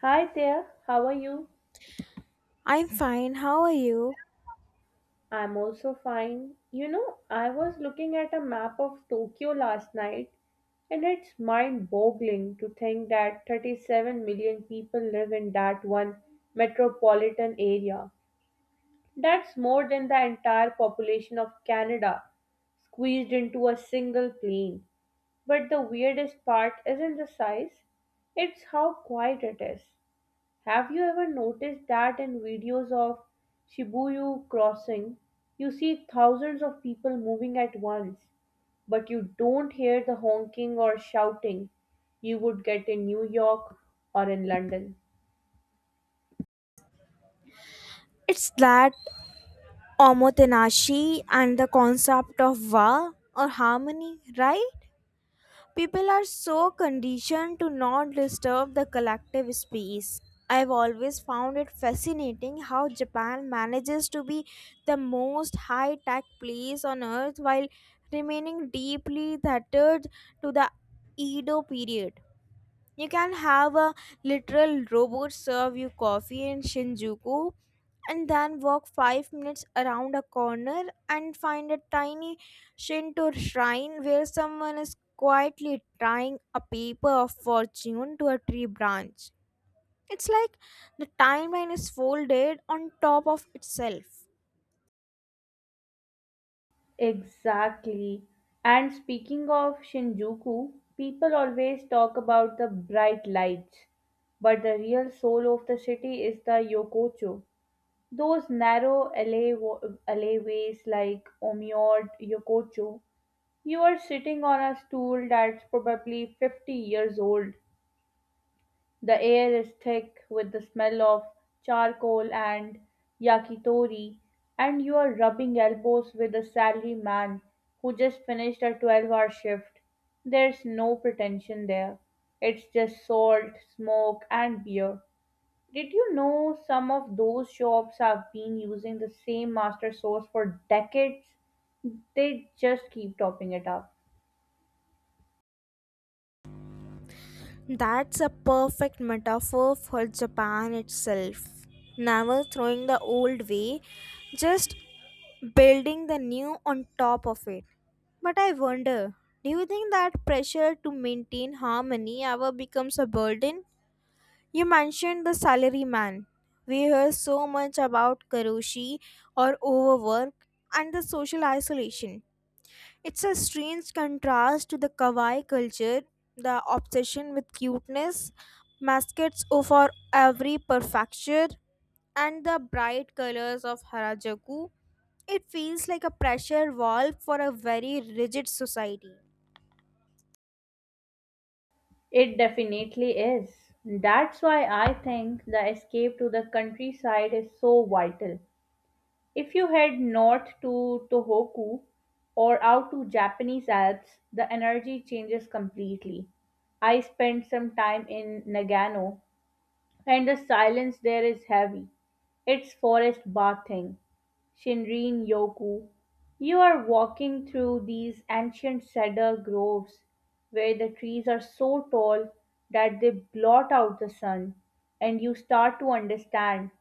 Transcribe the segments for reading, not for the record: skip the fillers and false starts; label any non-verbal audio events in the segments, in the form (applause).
Hi there, how are you? I'm fine. How are you? I'm also fine. You know, I was looking at a map of Tokyo last night, and it's mind boggling to think that 37 million people live in that one metropolitan area. That's more than the entire population of Canada squeezed into a single plane. But the weirdest part isn't the size, it's how quiet it is. Have you ever noticed that in videos of Shibuya crossing, you see thousands of people moving at once, but you don't hear the honking or shouting you would get in New York or in London? It's that omotenashi and the concept of wa or harmony, right? People are so conditioned to not disturb the collective space. I've always found it fascinating how Japan manages to be the most high tech place on earth while remaining deeply tethered to the Edo period. You can have a literal robot serve you coffee in Shinjuku and then walk 5 minutes around a corner and find a tiny Shinto shrine where someone is quietly tying a paper of fortune to a tree branch. It's like the timeline is folded on top of itself. Exactly. And speaking of Shinjuku, people always talk about the bright lights, but the real soul of the city is the Yokocho. Those narrow alleyways like Omiyod Yokocho, you are sitting on a stool that's probably 50 years old. The air is thick with the smell of charcoal and yakitori, and you are rubbing elbows with a salary man who just finished a 12-hour shift. There's no pretension there. It's just salt, smoke, and beer. Did you know some of those shops have been using the same master sauce for decades? They just keep topping it up. That's a perfect metaphor for Japan itself. Never throwing the old way, just building the new on top of it. But I wonder, do you think that pressure to maintain harmony ever becomes a burden? You mentioned the salaryman. We hear so much about karoshi or overwork and the social isolation. It's a strange contrast to the kawaii culture, the obsession with cuteness, mascots for every prefecture, and the bright colors of Harajuku. It feels like a pressure valve for a very rigid society. It definitely is. That's why I think the escape to the countryside is so vital. If you head north to Tohoku or out to Japanese Alps, the energy changes completely. I spent some time in Nagano, and the silence there is heavy. It's forest bathing. Shinrin Yoku, you are walking through these ancient cedar groves where the trees are so tall that they blot out the sun, and you start to understand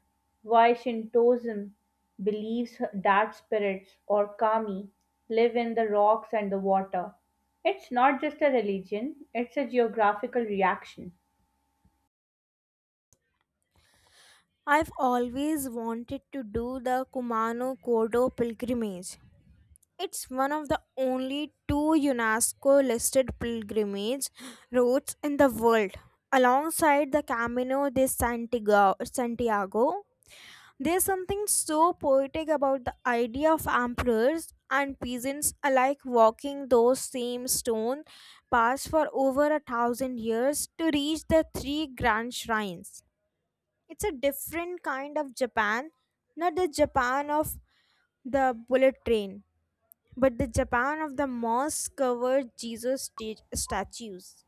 why Shintoism believes that spirits or kami live in the rocks and the water. It's not just a religion, it's a geographical reaction. I've always wanted to do the Kumano Kodo pilgrimage. It's one of the only two UNESCO listed pilgrimage routes in the world. Alongside the Camino de Santiago, there's something so poetic about the idea of emperors and peasants alike walking those same stone paths for over 1,000 years to reach the three grand shrines. It's a different kind of Japan, not the Japan of the bullet train but the Japan of the moss covered Jesus statues.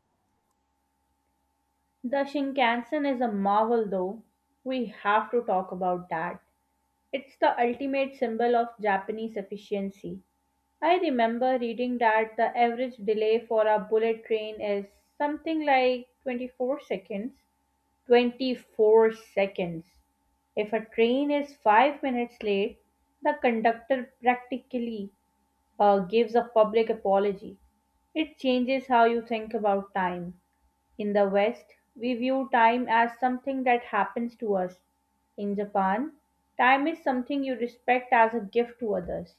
The Shinkansen is a marvel, though. We have to talk about that. It's the ultimate symbol of Japanese efficiency. I remember reading that the average delay for a bullet train is something like 24 seconds. 24 seconds. If a train is 5 minutes late, the conductor practically gives a public apology. It changes how you think about time. In the West, we view time as something that happens to us. In Japan, time is something you respect as a gift to others.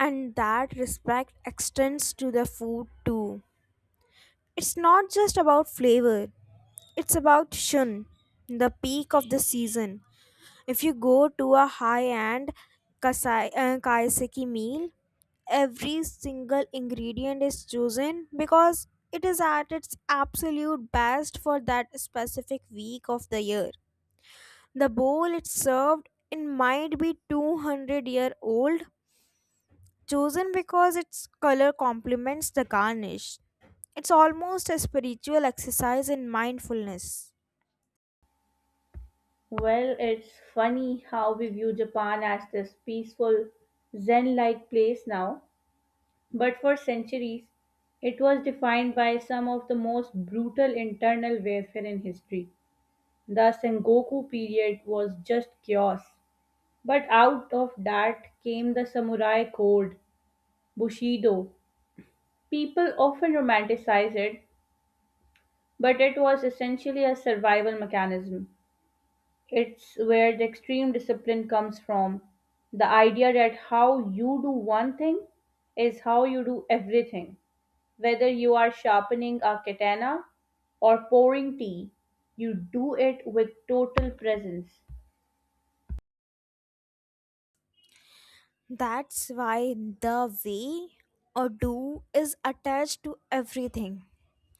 And that respect extends to the food too. It's not just about flavor, it's about shun, the peak of the season. If you go to a high end kaiseki meal, every single ingredient is chosen because it is at its absolute best for that specific week of the year. The bowl it served in might be 200-year-old, chosen because its color complements the garnish. It's almost a spiritual exercise in mindfulness. Well, it's funny how we view Japan as this peaceful, Zen like place now, but for centuries, it was defined by some of the most brutal internal warfare in history. The Sengoku period was just chaos. But out of that came the samurai code, Bushido. People often romanticize it, but it was essentially a survival mechanism. It's where the extreme discipline comes from. The idea that how you do one thing is how you do everything. Whether you are sharpening a katana or pouring tea, you do it with total presence. That's why the way or do is attached to everything.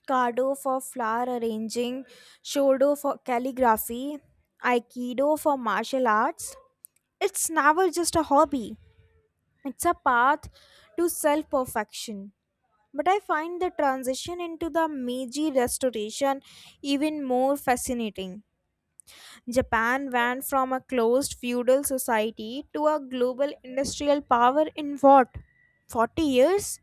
Cardo for flower arranging, Shodo for calligraphy, Aikido for martial arts. It's never just a hobby, it's a path to self perfection. But I find the transition into the Meiji Restoration even more fascinating. Japan went from a closed feudal society to a global industrial power in what? 40 years?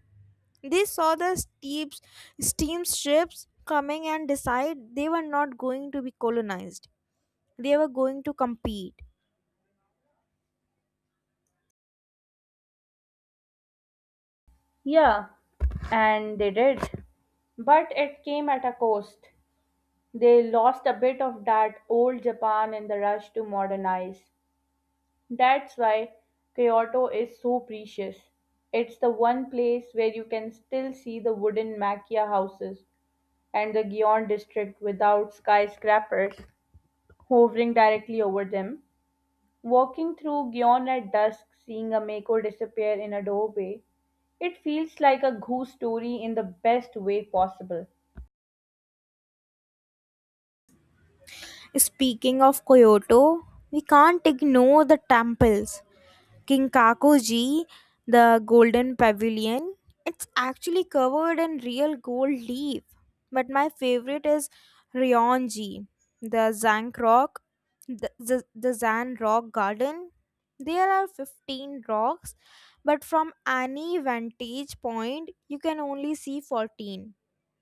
They saw the steep steamships coming and decide they were not going to be colonized. They were going to compete. Yeah, and they did. But it came at a cost. They lost a bit of that old Japan in the rush to modernize. That's why Kyoto is so precious. It's the one place where you can still see the wooden makia houses and the Gion district without skyscrapers hovering directly over them. Walking through Gion at dusk, seeing a mako disappear in a doorway, it feels like a goose story in the best way possible. Speaking of Kyoto, we can't ignore the temples. Kinkakuji, the golden pavilion. It's actually covered in real gold leaf. But my favorite is Ryonji, the Zank Rock, the Zan Rock Garden. There are 15 rocks, but from any vantage point, you can only see 14.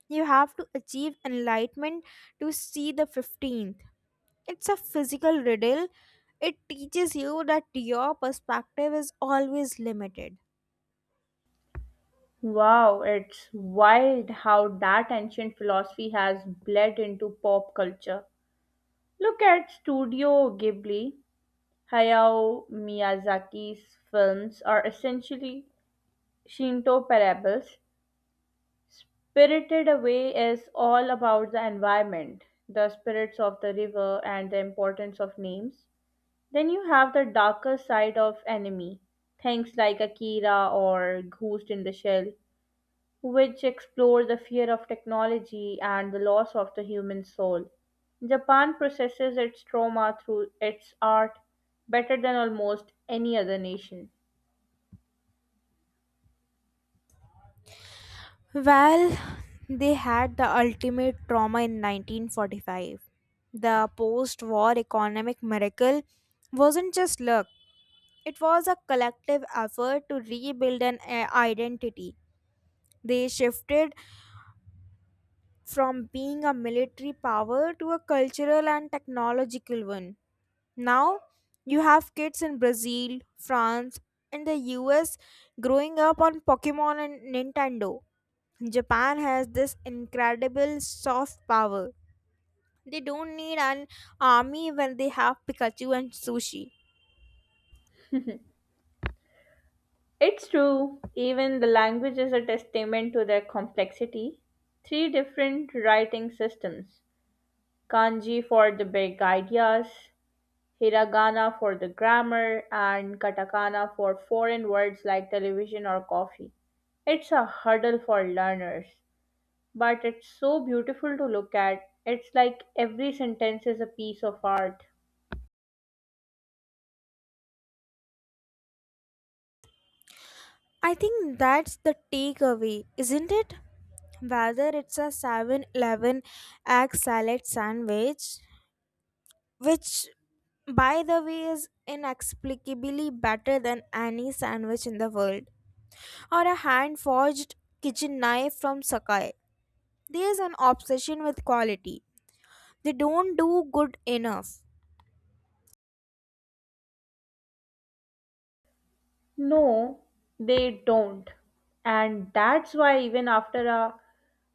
You have to achieve enlightenment to see the 15th. It's a physical riddle. It teaches you that your perspective is always limited. Wow, it's wild how that ancient philosophy has bled into pop culture. Look at Studio Ghibli. Hayao Miyazaki's films are essentially Shinto parables. Spirited Away is all about the environment, the spirits of the river, and the importance of names. Then you have the darker side of anime, things like Akira or Ghost in the Shell, which explore the fear of technology and the loss of the human soul. Japan processes its trauma through its art better than almost any other nation. Well, they had the ultimate trauma in 1945. The post war economic miracle wasn't just luck, it was a collective effort to rebuild an identity. They shifted from being a military power to a cultural and technological one. Now, you have kids in Brazil, France, and the US growing up on Pokemon and Nintendo. Japan has this incredible soft power. They don't need an army when they have Pikachu and sushi. It's true, even the language is a testament to their complexity. Three different writing systems: kanji for the big ideas, hiragana for the grammar, and katakana for foreign words like television or coffee. It's a hurdle for learners, but it's so beautiful to look at. It's like every sentence is a piece of art. I think that's the takeaway, isn't it? Whether it's a 7-Eleven egg salad sandwich which, by the way, is inexplicably better than any sandwich in the world, or a hand forged kitchen knife from Sakai. There is an obsession with quality. They don't do good enough. No, they don't. And that's why even after a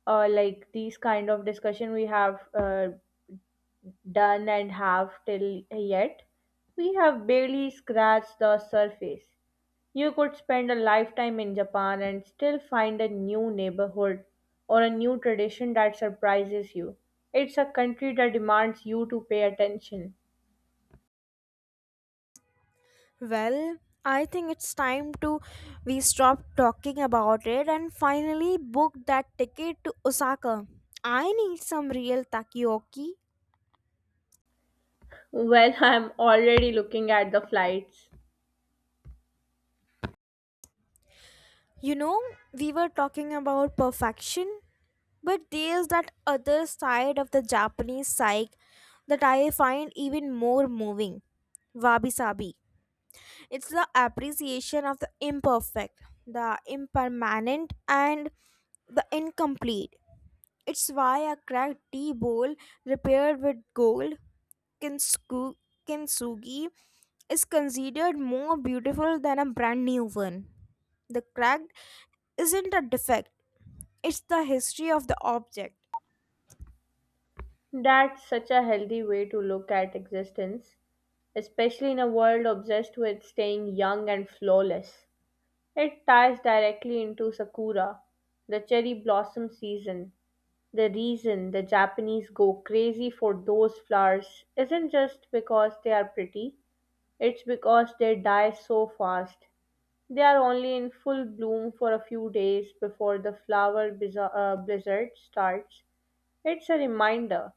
like these kind of discussion we have done and have till yet, we have barely scratched the surface. You could spend a lifetime in Japan and still find a new neighborhood or a new tradition that surprises you. It's a country that demands you to pay attention. Well, I think it's time to we stop talking about it and finally book that ticket to Osaka. I need some real takoyaki. Well, (laughs) I'm already looking at the flights. You know, we were talking about perfection. But there's that other side of the Japanese psyche that I find even more moving, wabi sabi. It's the appreciation of the imperfect, the impermanent, and the incomplete. It's why a cracked tea bowl repaired with gold, kinsku, kintsugi, is considered more beautiful than a brand new one. The cracked isn't a defect, it's the history of the object. That's such a healthy way to look at existence, especially in a world obsessed with staying young and flawless. It ties directly into Sakura, the cherry blossom season. The reason the Japanese go crazy for those flowers isn't just because they are pretty, it's because they die so fast. They are only in full bloom for a few days before the flower blizzard starts. It's a reminder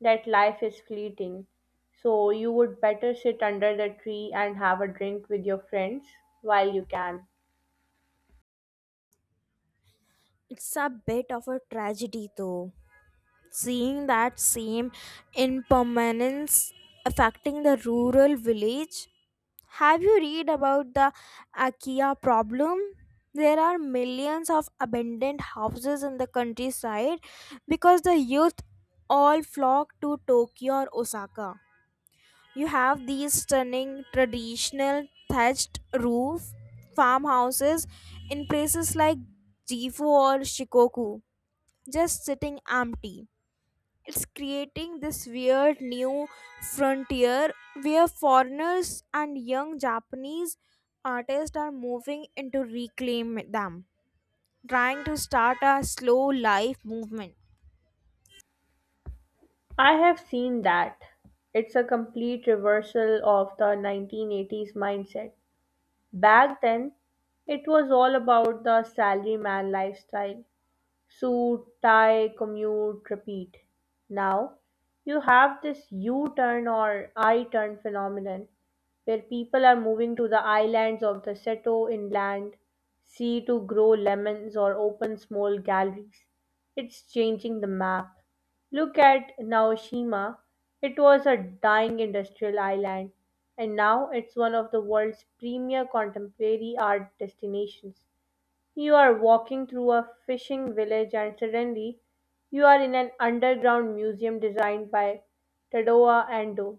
that life is fleeting, so you would better sit under the tree and have a drink with your friends while you can. It's a bit of a tragedy though. Seeing that same impermanence affecting the rural village. Have you read about the IKEA problem? There are millions of abandoned houses in the countryside because the youth all flock to Tokyo or Osaka. You have these stunning traditional thatched roof farmhouses in places like Gifu or Shikoku just sitting empty. It's creating this weird new frontier where foreigners and young Japanese artists are moving in to reclaim them, trying to start a slow life movement. I have seen that. It's a complete reversal of the 1980s mindset. Back then, it was all about the salaryman lifestyle. Suit, tie, commute, repeat. Now, you have this U turn or I turn phenomenon where people are moving to the islands of the Seto inland sea to grow lemons or open small galleries. It's changing the map. Look at Naoshima. It was a dying industrial island, and now it's one of the world's premier contemporary art destinations. You are walking through a fishing village and suddenly you are in an underground museum designed by Tadoa Ando.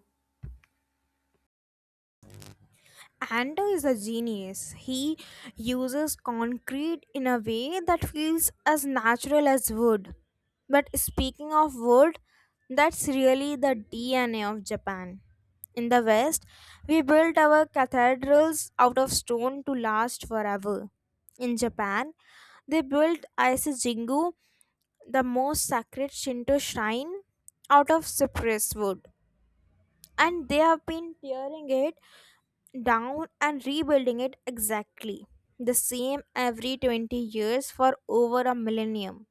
Ando is a genius. He uses concrete in a way that feels as natural as wood. But speaking of wood, that's really the DNA of Japan. In the West, we built our cathedrals out of stone to last forever. In Japan, they built Aise Jingu, the most sacred Shinto shrine, out of cypress wood. And they have been tearing it down and rebuilding it exactly the same every 20 years for over a millennium.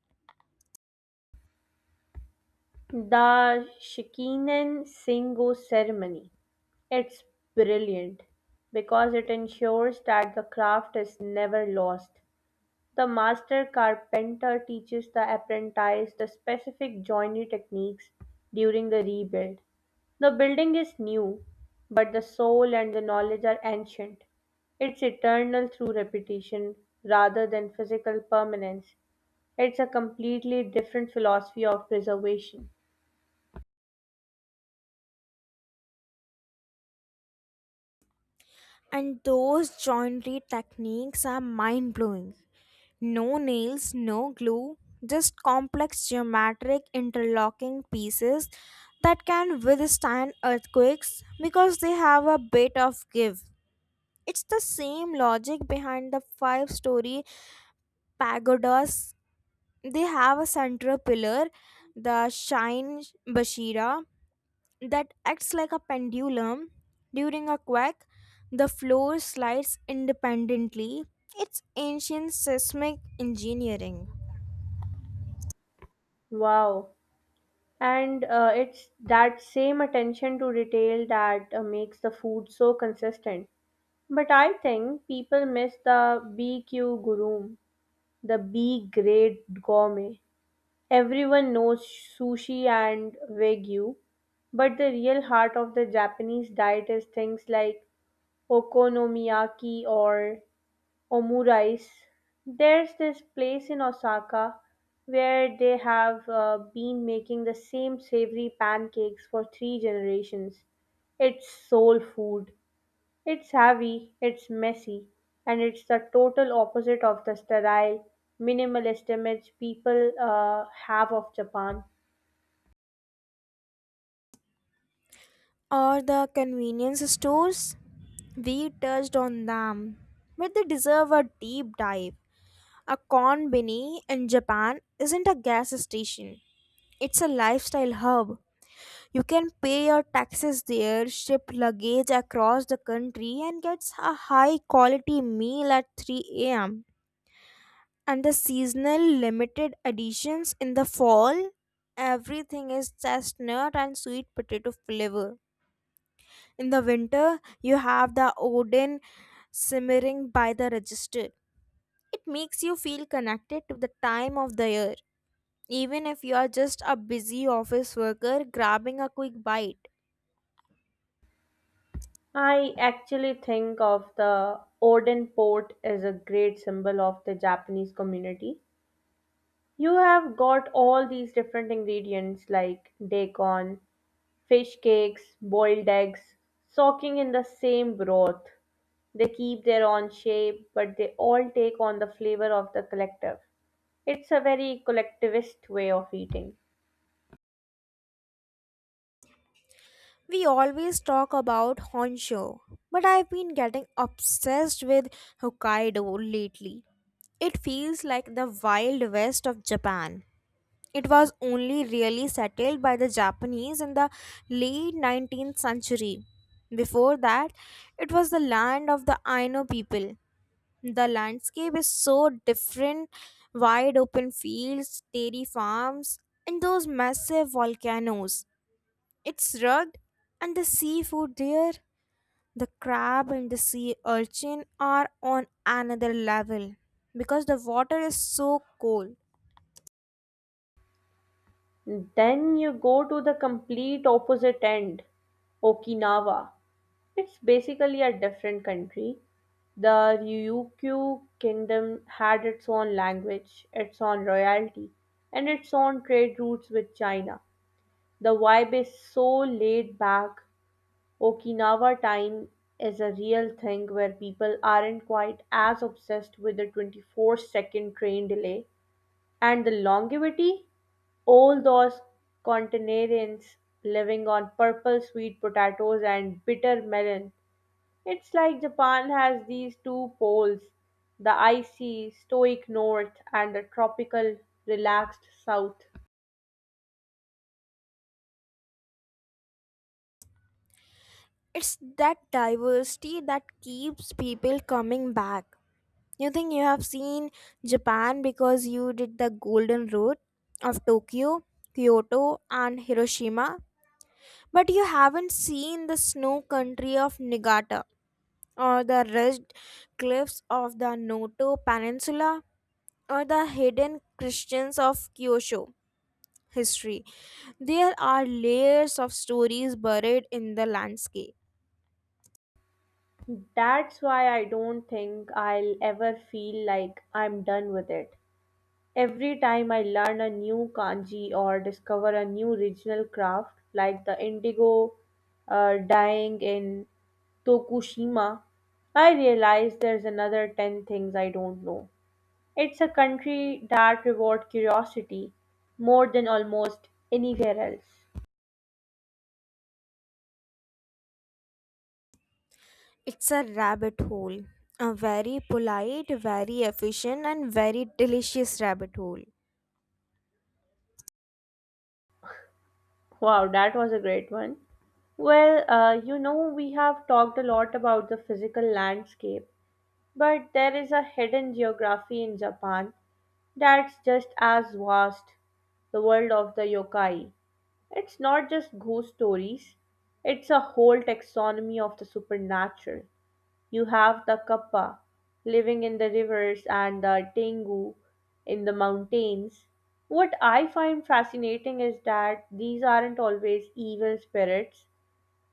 The Shikinen Singo ceremony. It's brilliant because it ensures that the craft is never lost. The master carpenter teaches the apprentice the specific joinery techniques during the rebuild. The building is new, but the soul and the knowledge are ancient. It's eternal through repetition rather than physical permanence. It's a completely different philosophy of preservation. And those joinery techniques are mind blowing. No nails, no glue, just complex geometric interlocking pieces that can withstand earthquakes because they have a bit of give. It's the same logic behind the five-story pagodas. They have a central pillar, the Shine Bashira, that acts like a pendulum. During a quake, the floor slides independently. It's ancient seismic engineering. Wow. And it's that same attention to detail that makes the food so consistent. But I think people miss the BQ guru, the B grade gourmet. Everyone knows sushi and wagyu, but the real heart of the Japanese diet is things like okonomiyaki or omurice. There's this place in Osaka where they have been making the same savory pancakes for three generations. It's soul food. It's heavy, it's messy, and it's the total opposite of the sterile, minimalist image people have of Japan. Or the convenience stores? We touched on them, but they deserve a deep dive. A konbini in Japan isn't a gas station, it's a lifestyle hub. You can pay your taxes there, ship luggage across the country, and get a high quality meal at 3 am. And the seasonal limited editions in the fall, everything is chestnut and sweet potato flavor. In the winter, you have the Odin simmering by the register. It makes you feel connected to the time of the year, even if you are just a busy office worker grabbing a quick bite. I actually think of the Oden port as a great symbol of the Japanese community. You have got all these different ingredients like daikon, fish cakes, boiled eggs, soaking in the same broth. They keep their own shape, but they all take on the flavor of the collective. It's a very collectivist way of eating. We always talk about Honshu, but I've been getting obsessed with Hokkaido lately. It feels like the wild west of Japan. It was only really settled by the Japanese in the late 19th century. Before that, it was the land of the Aino people. The landscape is so different, wide open fields, dairy farms, and those massive volcanoes. It's rugged, and the seafood there, the crab and the sea urchin, are on another level because the water is so cold. Then you go to the complete opposite end, Okinawa. It's basically a different country. The Ryukyu kingdom had its own language, its own royalty, and its own trade routes with China. The vibe is so laid back. Okinawa time is a real thing where people aren't quite as obsessed with the 24-second train delay and the longevity. All those continentarians living on purple sweet potatoes and bitter melon, it's like Japan has these two poles: the icy, stoic north and the tropical, relaxed south. It's that diversity that keeps people coming back. You think you have seen Japan because you did the Golden Road of Tokyo, Kyoto, and Hiroshima, but you haven't seen the snow country of Niigata or the ridged cliffs of the Noto Peninsula or the hidden Christians of Kyosho history. There are layers of stories buried in the landscape. That's why I don't think I'll ever feel like I'm done with it. Every time I learn a new kanji or discover a new regional craft, like the indigo dyeing in Tokushima, I realize there's another 10 things I don't know. It's a country that rewards curiosity more than almost anywhere else. It's a rabbit hole. A very polite, very efficient, and very delicious rabbit hole. Wow, that was a great one. Well, you know, we have talked a lot about the physical landscape, but there is a hidden geography in Japan that's just as vast: the world of the yokai. It's not just ghost stories, it's a whole taxonomy of the supernatural. You have the Kappa living in the rivers and the Tengu in the mountains. What I find fascinating is that these aren't always evil spirits,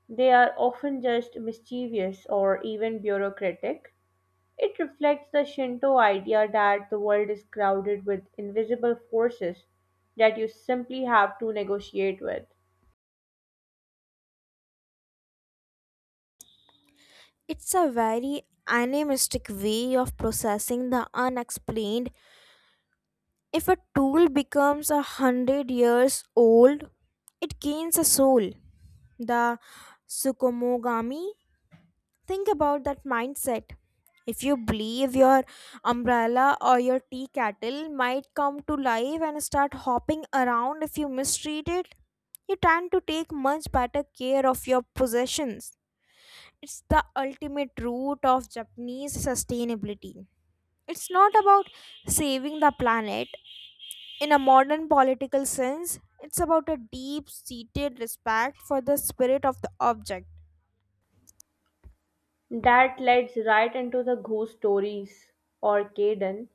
they are often just mischievous or even bureaucratic. It reflects the Shinto idea that the world is crowded with invisible forces that you simply have to negotiate with. It's a very animistic way of processing the unexplained. If a tool becomes 100 years old, it gains a soul. The Sukumogami. Think about that mindset. If you believe your umbrella or your tea kettle might come to life and start hopping around if you mistreat it, you tend to take much better care of your possessions. It's the ultimate root of Japanese sustainability. It's not about saving the planet in a modern political sense, it's about a deep seated respect for the spirit of the object. That leads right into the ghost stories or Kaiden.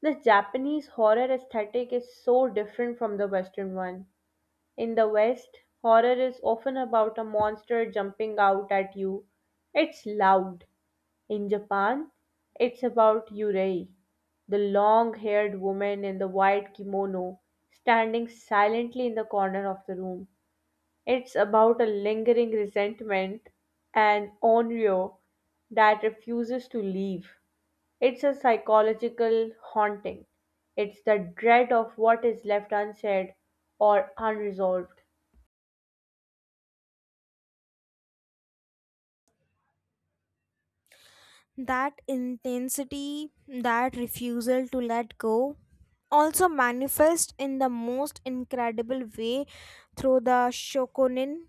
The Japanese horror aesthetic is so different from the Western one. In the West, horror is often about a monster jumping out at you. It's loud. In Japan, it's about Yurei, the long haired woman in the white kimono, standing silently in the corner of the room. It's about a lingering resentment and onryo that refuses to leave. It's a psychological haunting. It's the dread of what is left unsaid or unresolved. That intensity, that refusal to let go, also manifest in the most incredible way through the shokunin.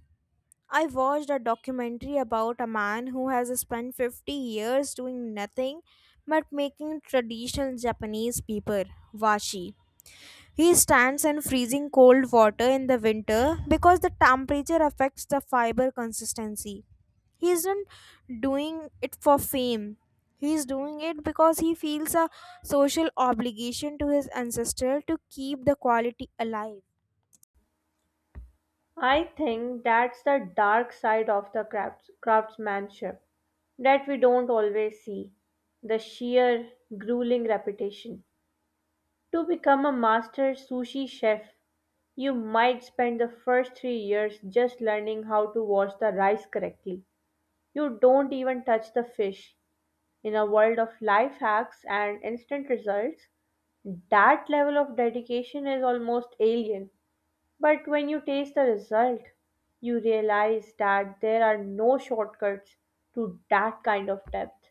I watched a documentary about a man who has spent 50 years doing nothing but making traditional Japanese paper, washi. He stands in freezing cold water in the winter because the temperature affects the fiber consistency. He isn't doing it for fame. He's doing it because he feels a social obligation to his ancestor to keep the quality alive. I think that's the dark side of the craftsmanship that we don't always see, the sheer grueling repetition. To become a master sushi chef, you might spend the first 3 years just learning how to wash the rice correctly. You don't even touch the fish. In a world of life hacks and instant results, that level of dedication is almost alien. But when you taste the result, you realize that there are no shortcuts to that kind of depth.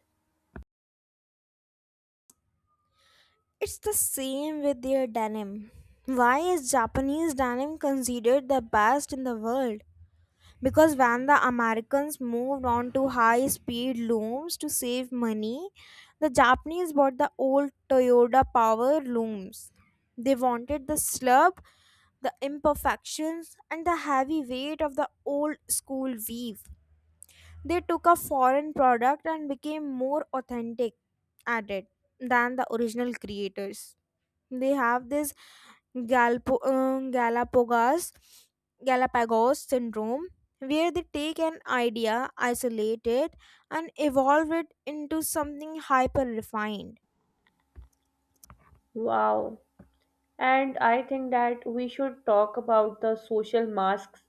It's the same with their denim. Why is Japanese denim considered the best in the world? Because when the Americans moved on to high speed looms to save money, the Japanese bought the old Toyota power looms. They wanted the slub, the imperfections, and the heavy weight of the old school weave. They took a foreign product and became more authentic at it than the original creators. They have this Galpo, Galapagos Galapagos syndrome, where they take an idea, isolate it, and evolve it into something hyper refined. Wow. And I think that we should talk about the social masks,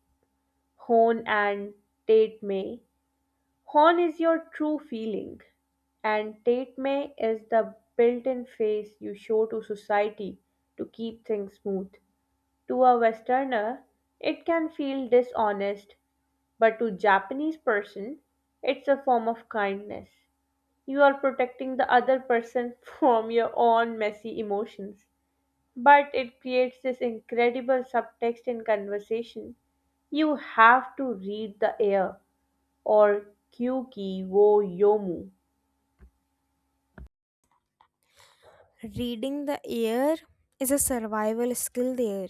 Hone and Tate May. Horn is your true feeling, and Tatme is the built in face you show to society to keep things smooth. To a Westerner, it can feel dishonest, but to Japanese person, it's a form of kindness. You are protecting the other person (laughs) from your own messy emotions. But it creates this incredible subtext in conversation. You have to read the air or Kyuki wo yomu. Reading the air is a survival skill there.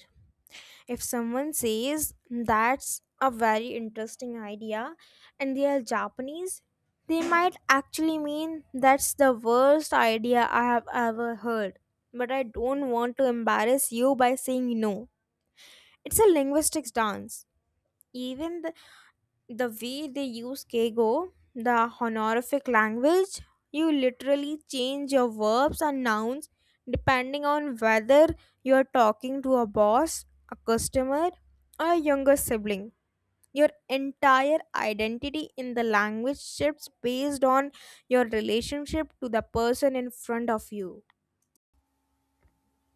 If someone says that's a very interesting idea and they are Japanese, they might actually mean that's the worst idea I have ever heard. But I don't want to embarrass you by saying no. It's a linguistics dance. Even the way they use kego, the honorific language, you literally change your verbs and nouns depending on whether you are talking to a boss, a customer, or a younger sibling. Your entire identity in the language shifts based on your relationship to the person in front of you.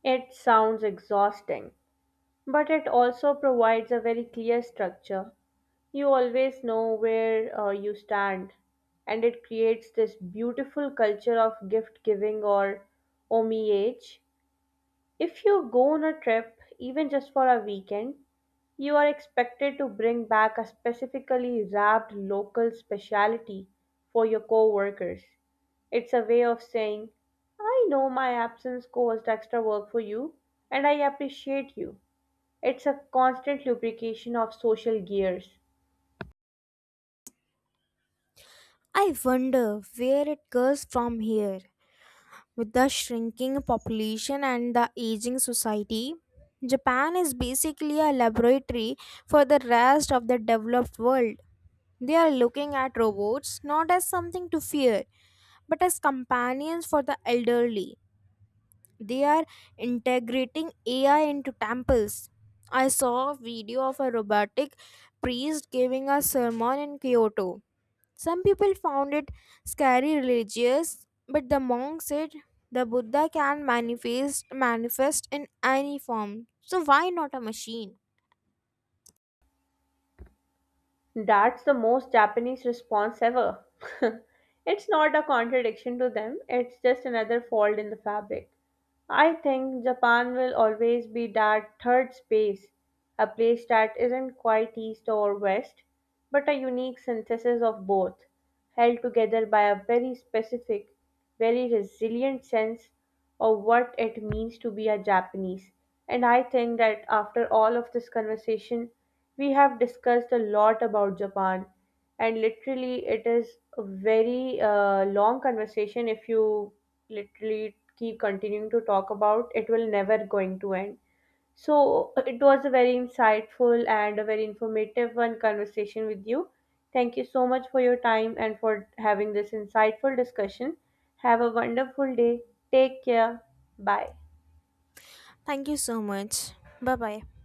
It sounds exhausting, but it also provides a very clear structure. You always know where you stand, and it creates this beautiful culture of gift giving or homage. If you go on a trip, even just for a weekend, you are expected to bring back a specifically wrapped local specialty for your coworkers. It's a way of saying, I know my absence caused extra work for you, and I appreciate you. It's a constant lubrication of social gears. I wonder where it goes from here. With the shrinking population and the aging society, Japan is basically a laboratory for the rest of the developed world. They are looking at robots not as something to fear, but as companions for the elderly. They are integrating AI into temples. I saw a video of a robotic priest giving a sermon in Kyoto. Some people found it scary religious, but the monk said the Buddha can manifest in any form. So why not a machine? That's the most Japanese response ever. (laughs) It's not a contradiction to them, it's just another fold in the fabric. I think Japan will always be that third space, a place that isn't quite east or west, but a unique synthesis of both held together by a very specific, very resilient sense of what it means to be a Japanese. And I think that after all of this conversation, we have discussed a lot about Japan. And literally, it is a very long conversation. If you literally keep continuing to talk about it, will never going to end. So it was a very insightful and a very informative one conversation with you. Thank you so much for your time and for having this insightful discussion. Have a wonderful day. Take care. Bye. Thank you so much. Bye bye.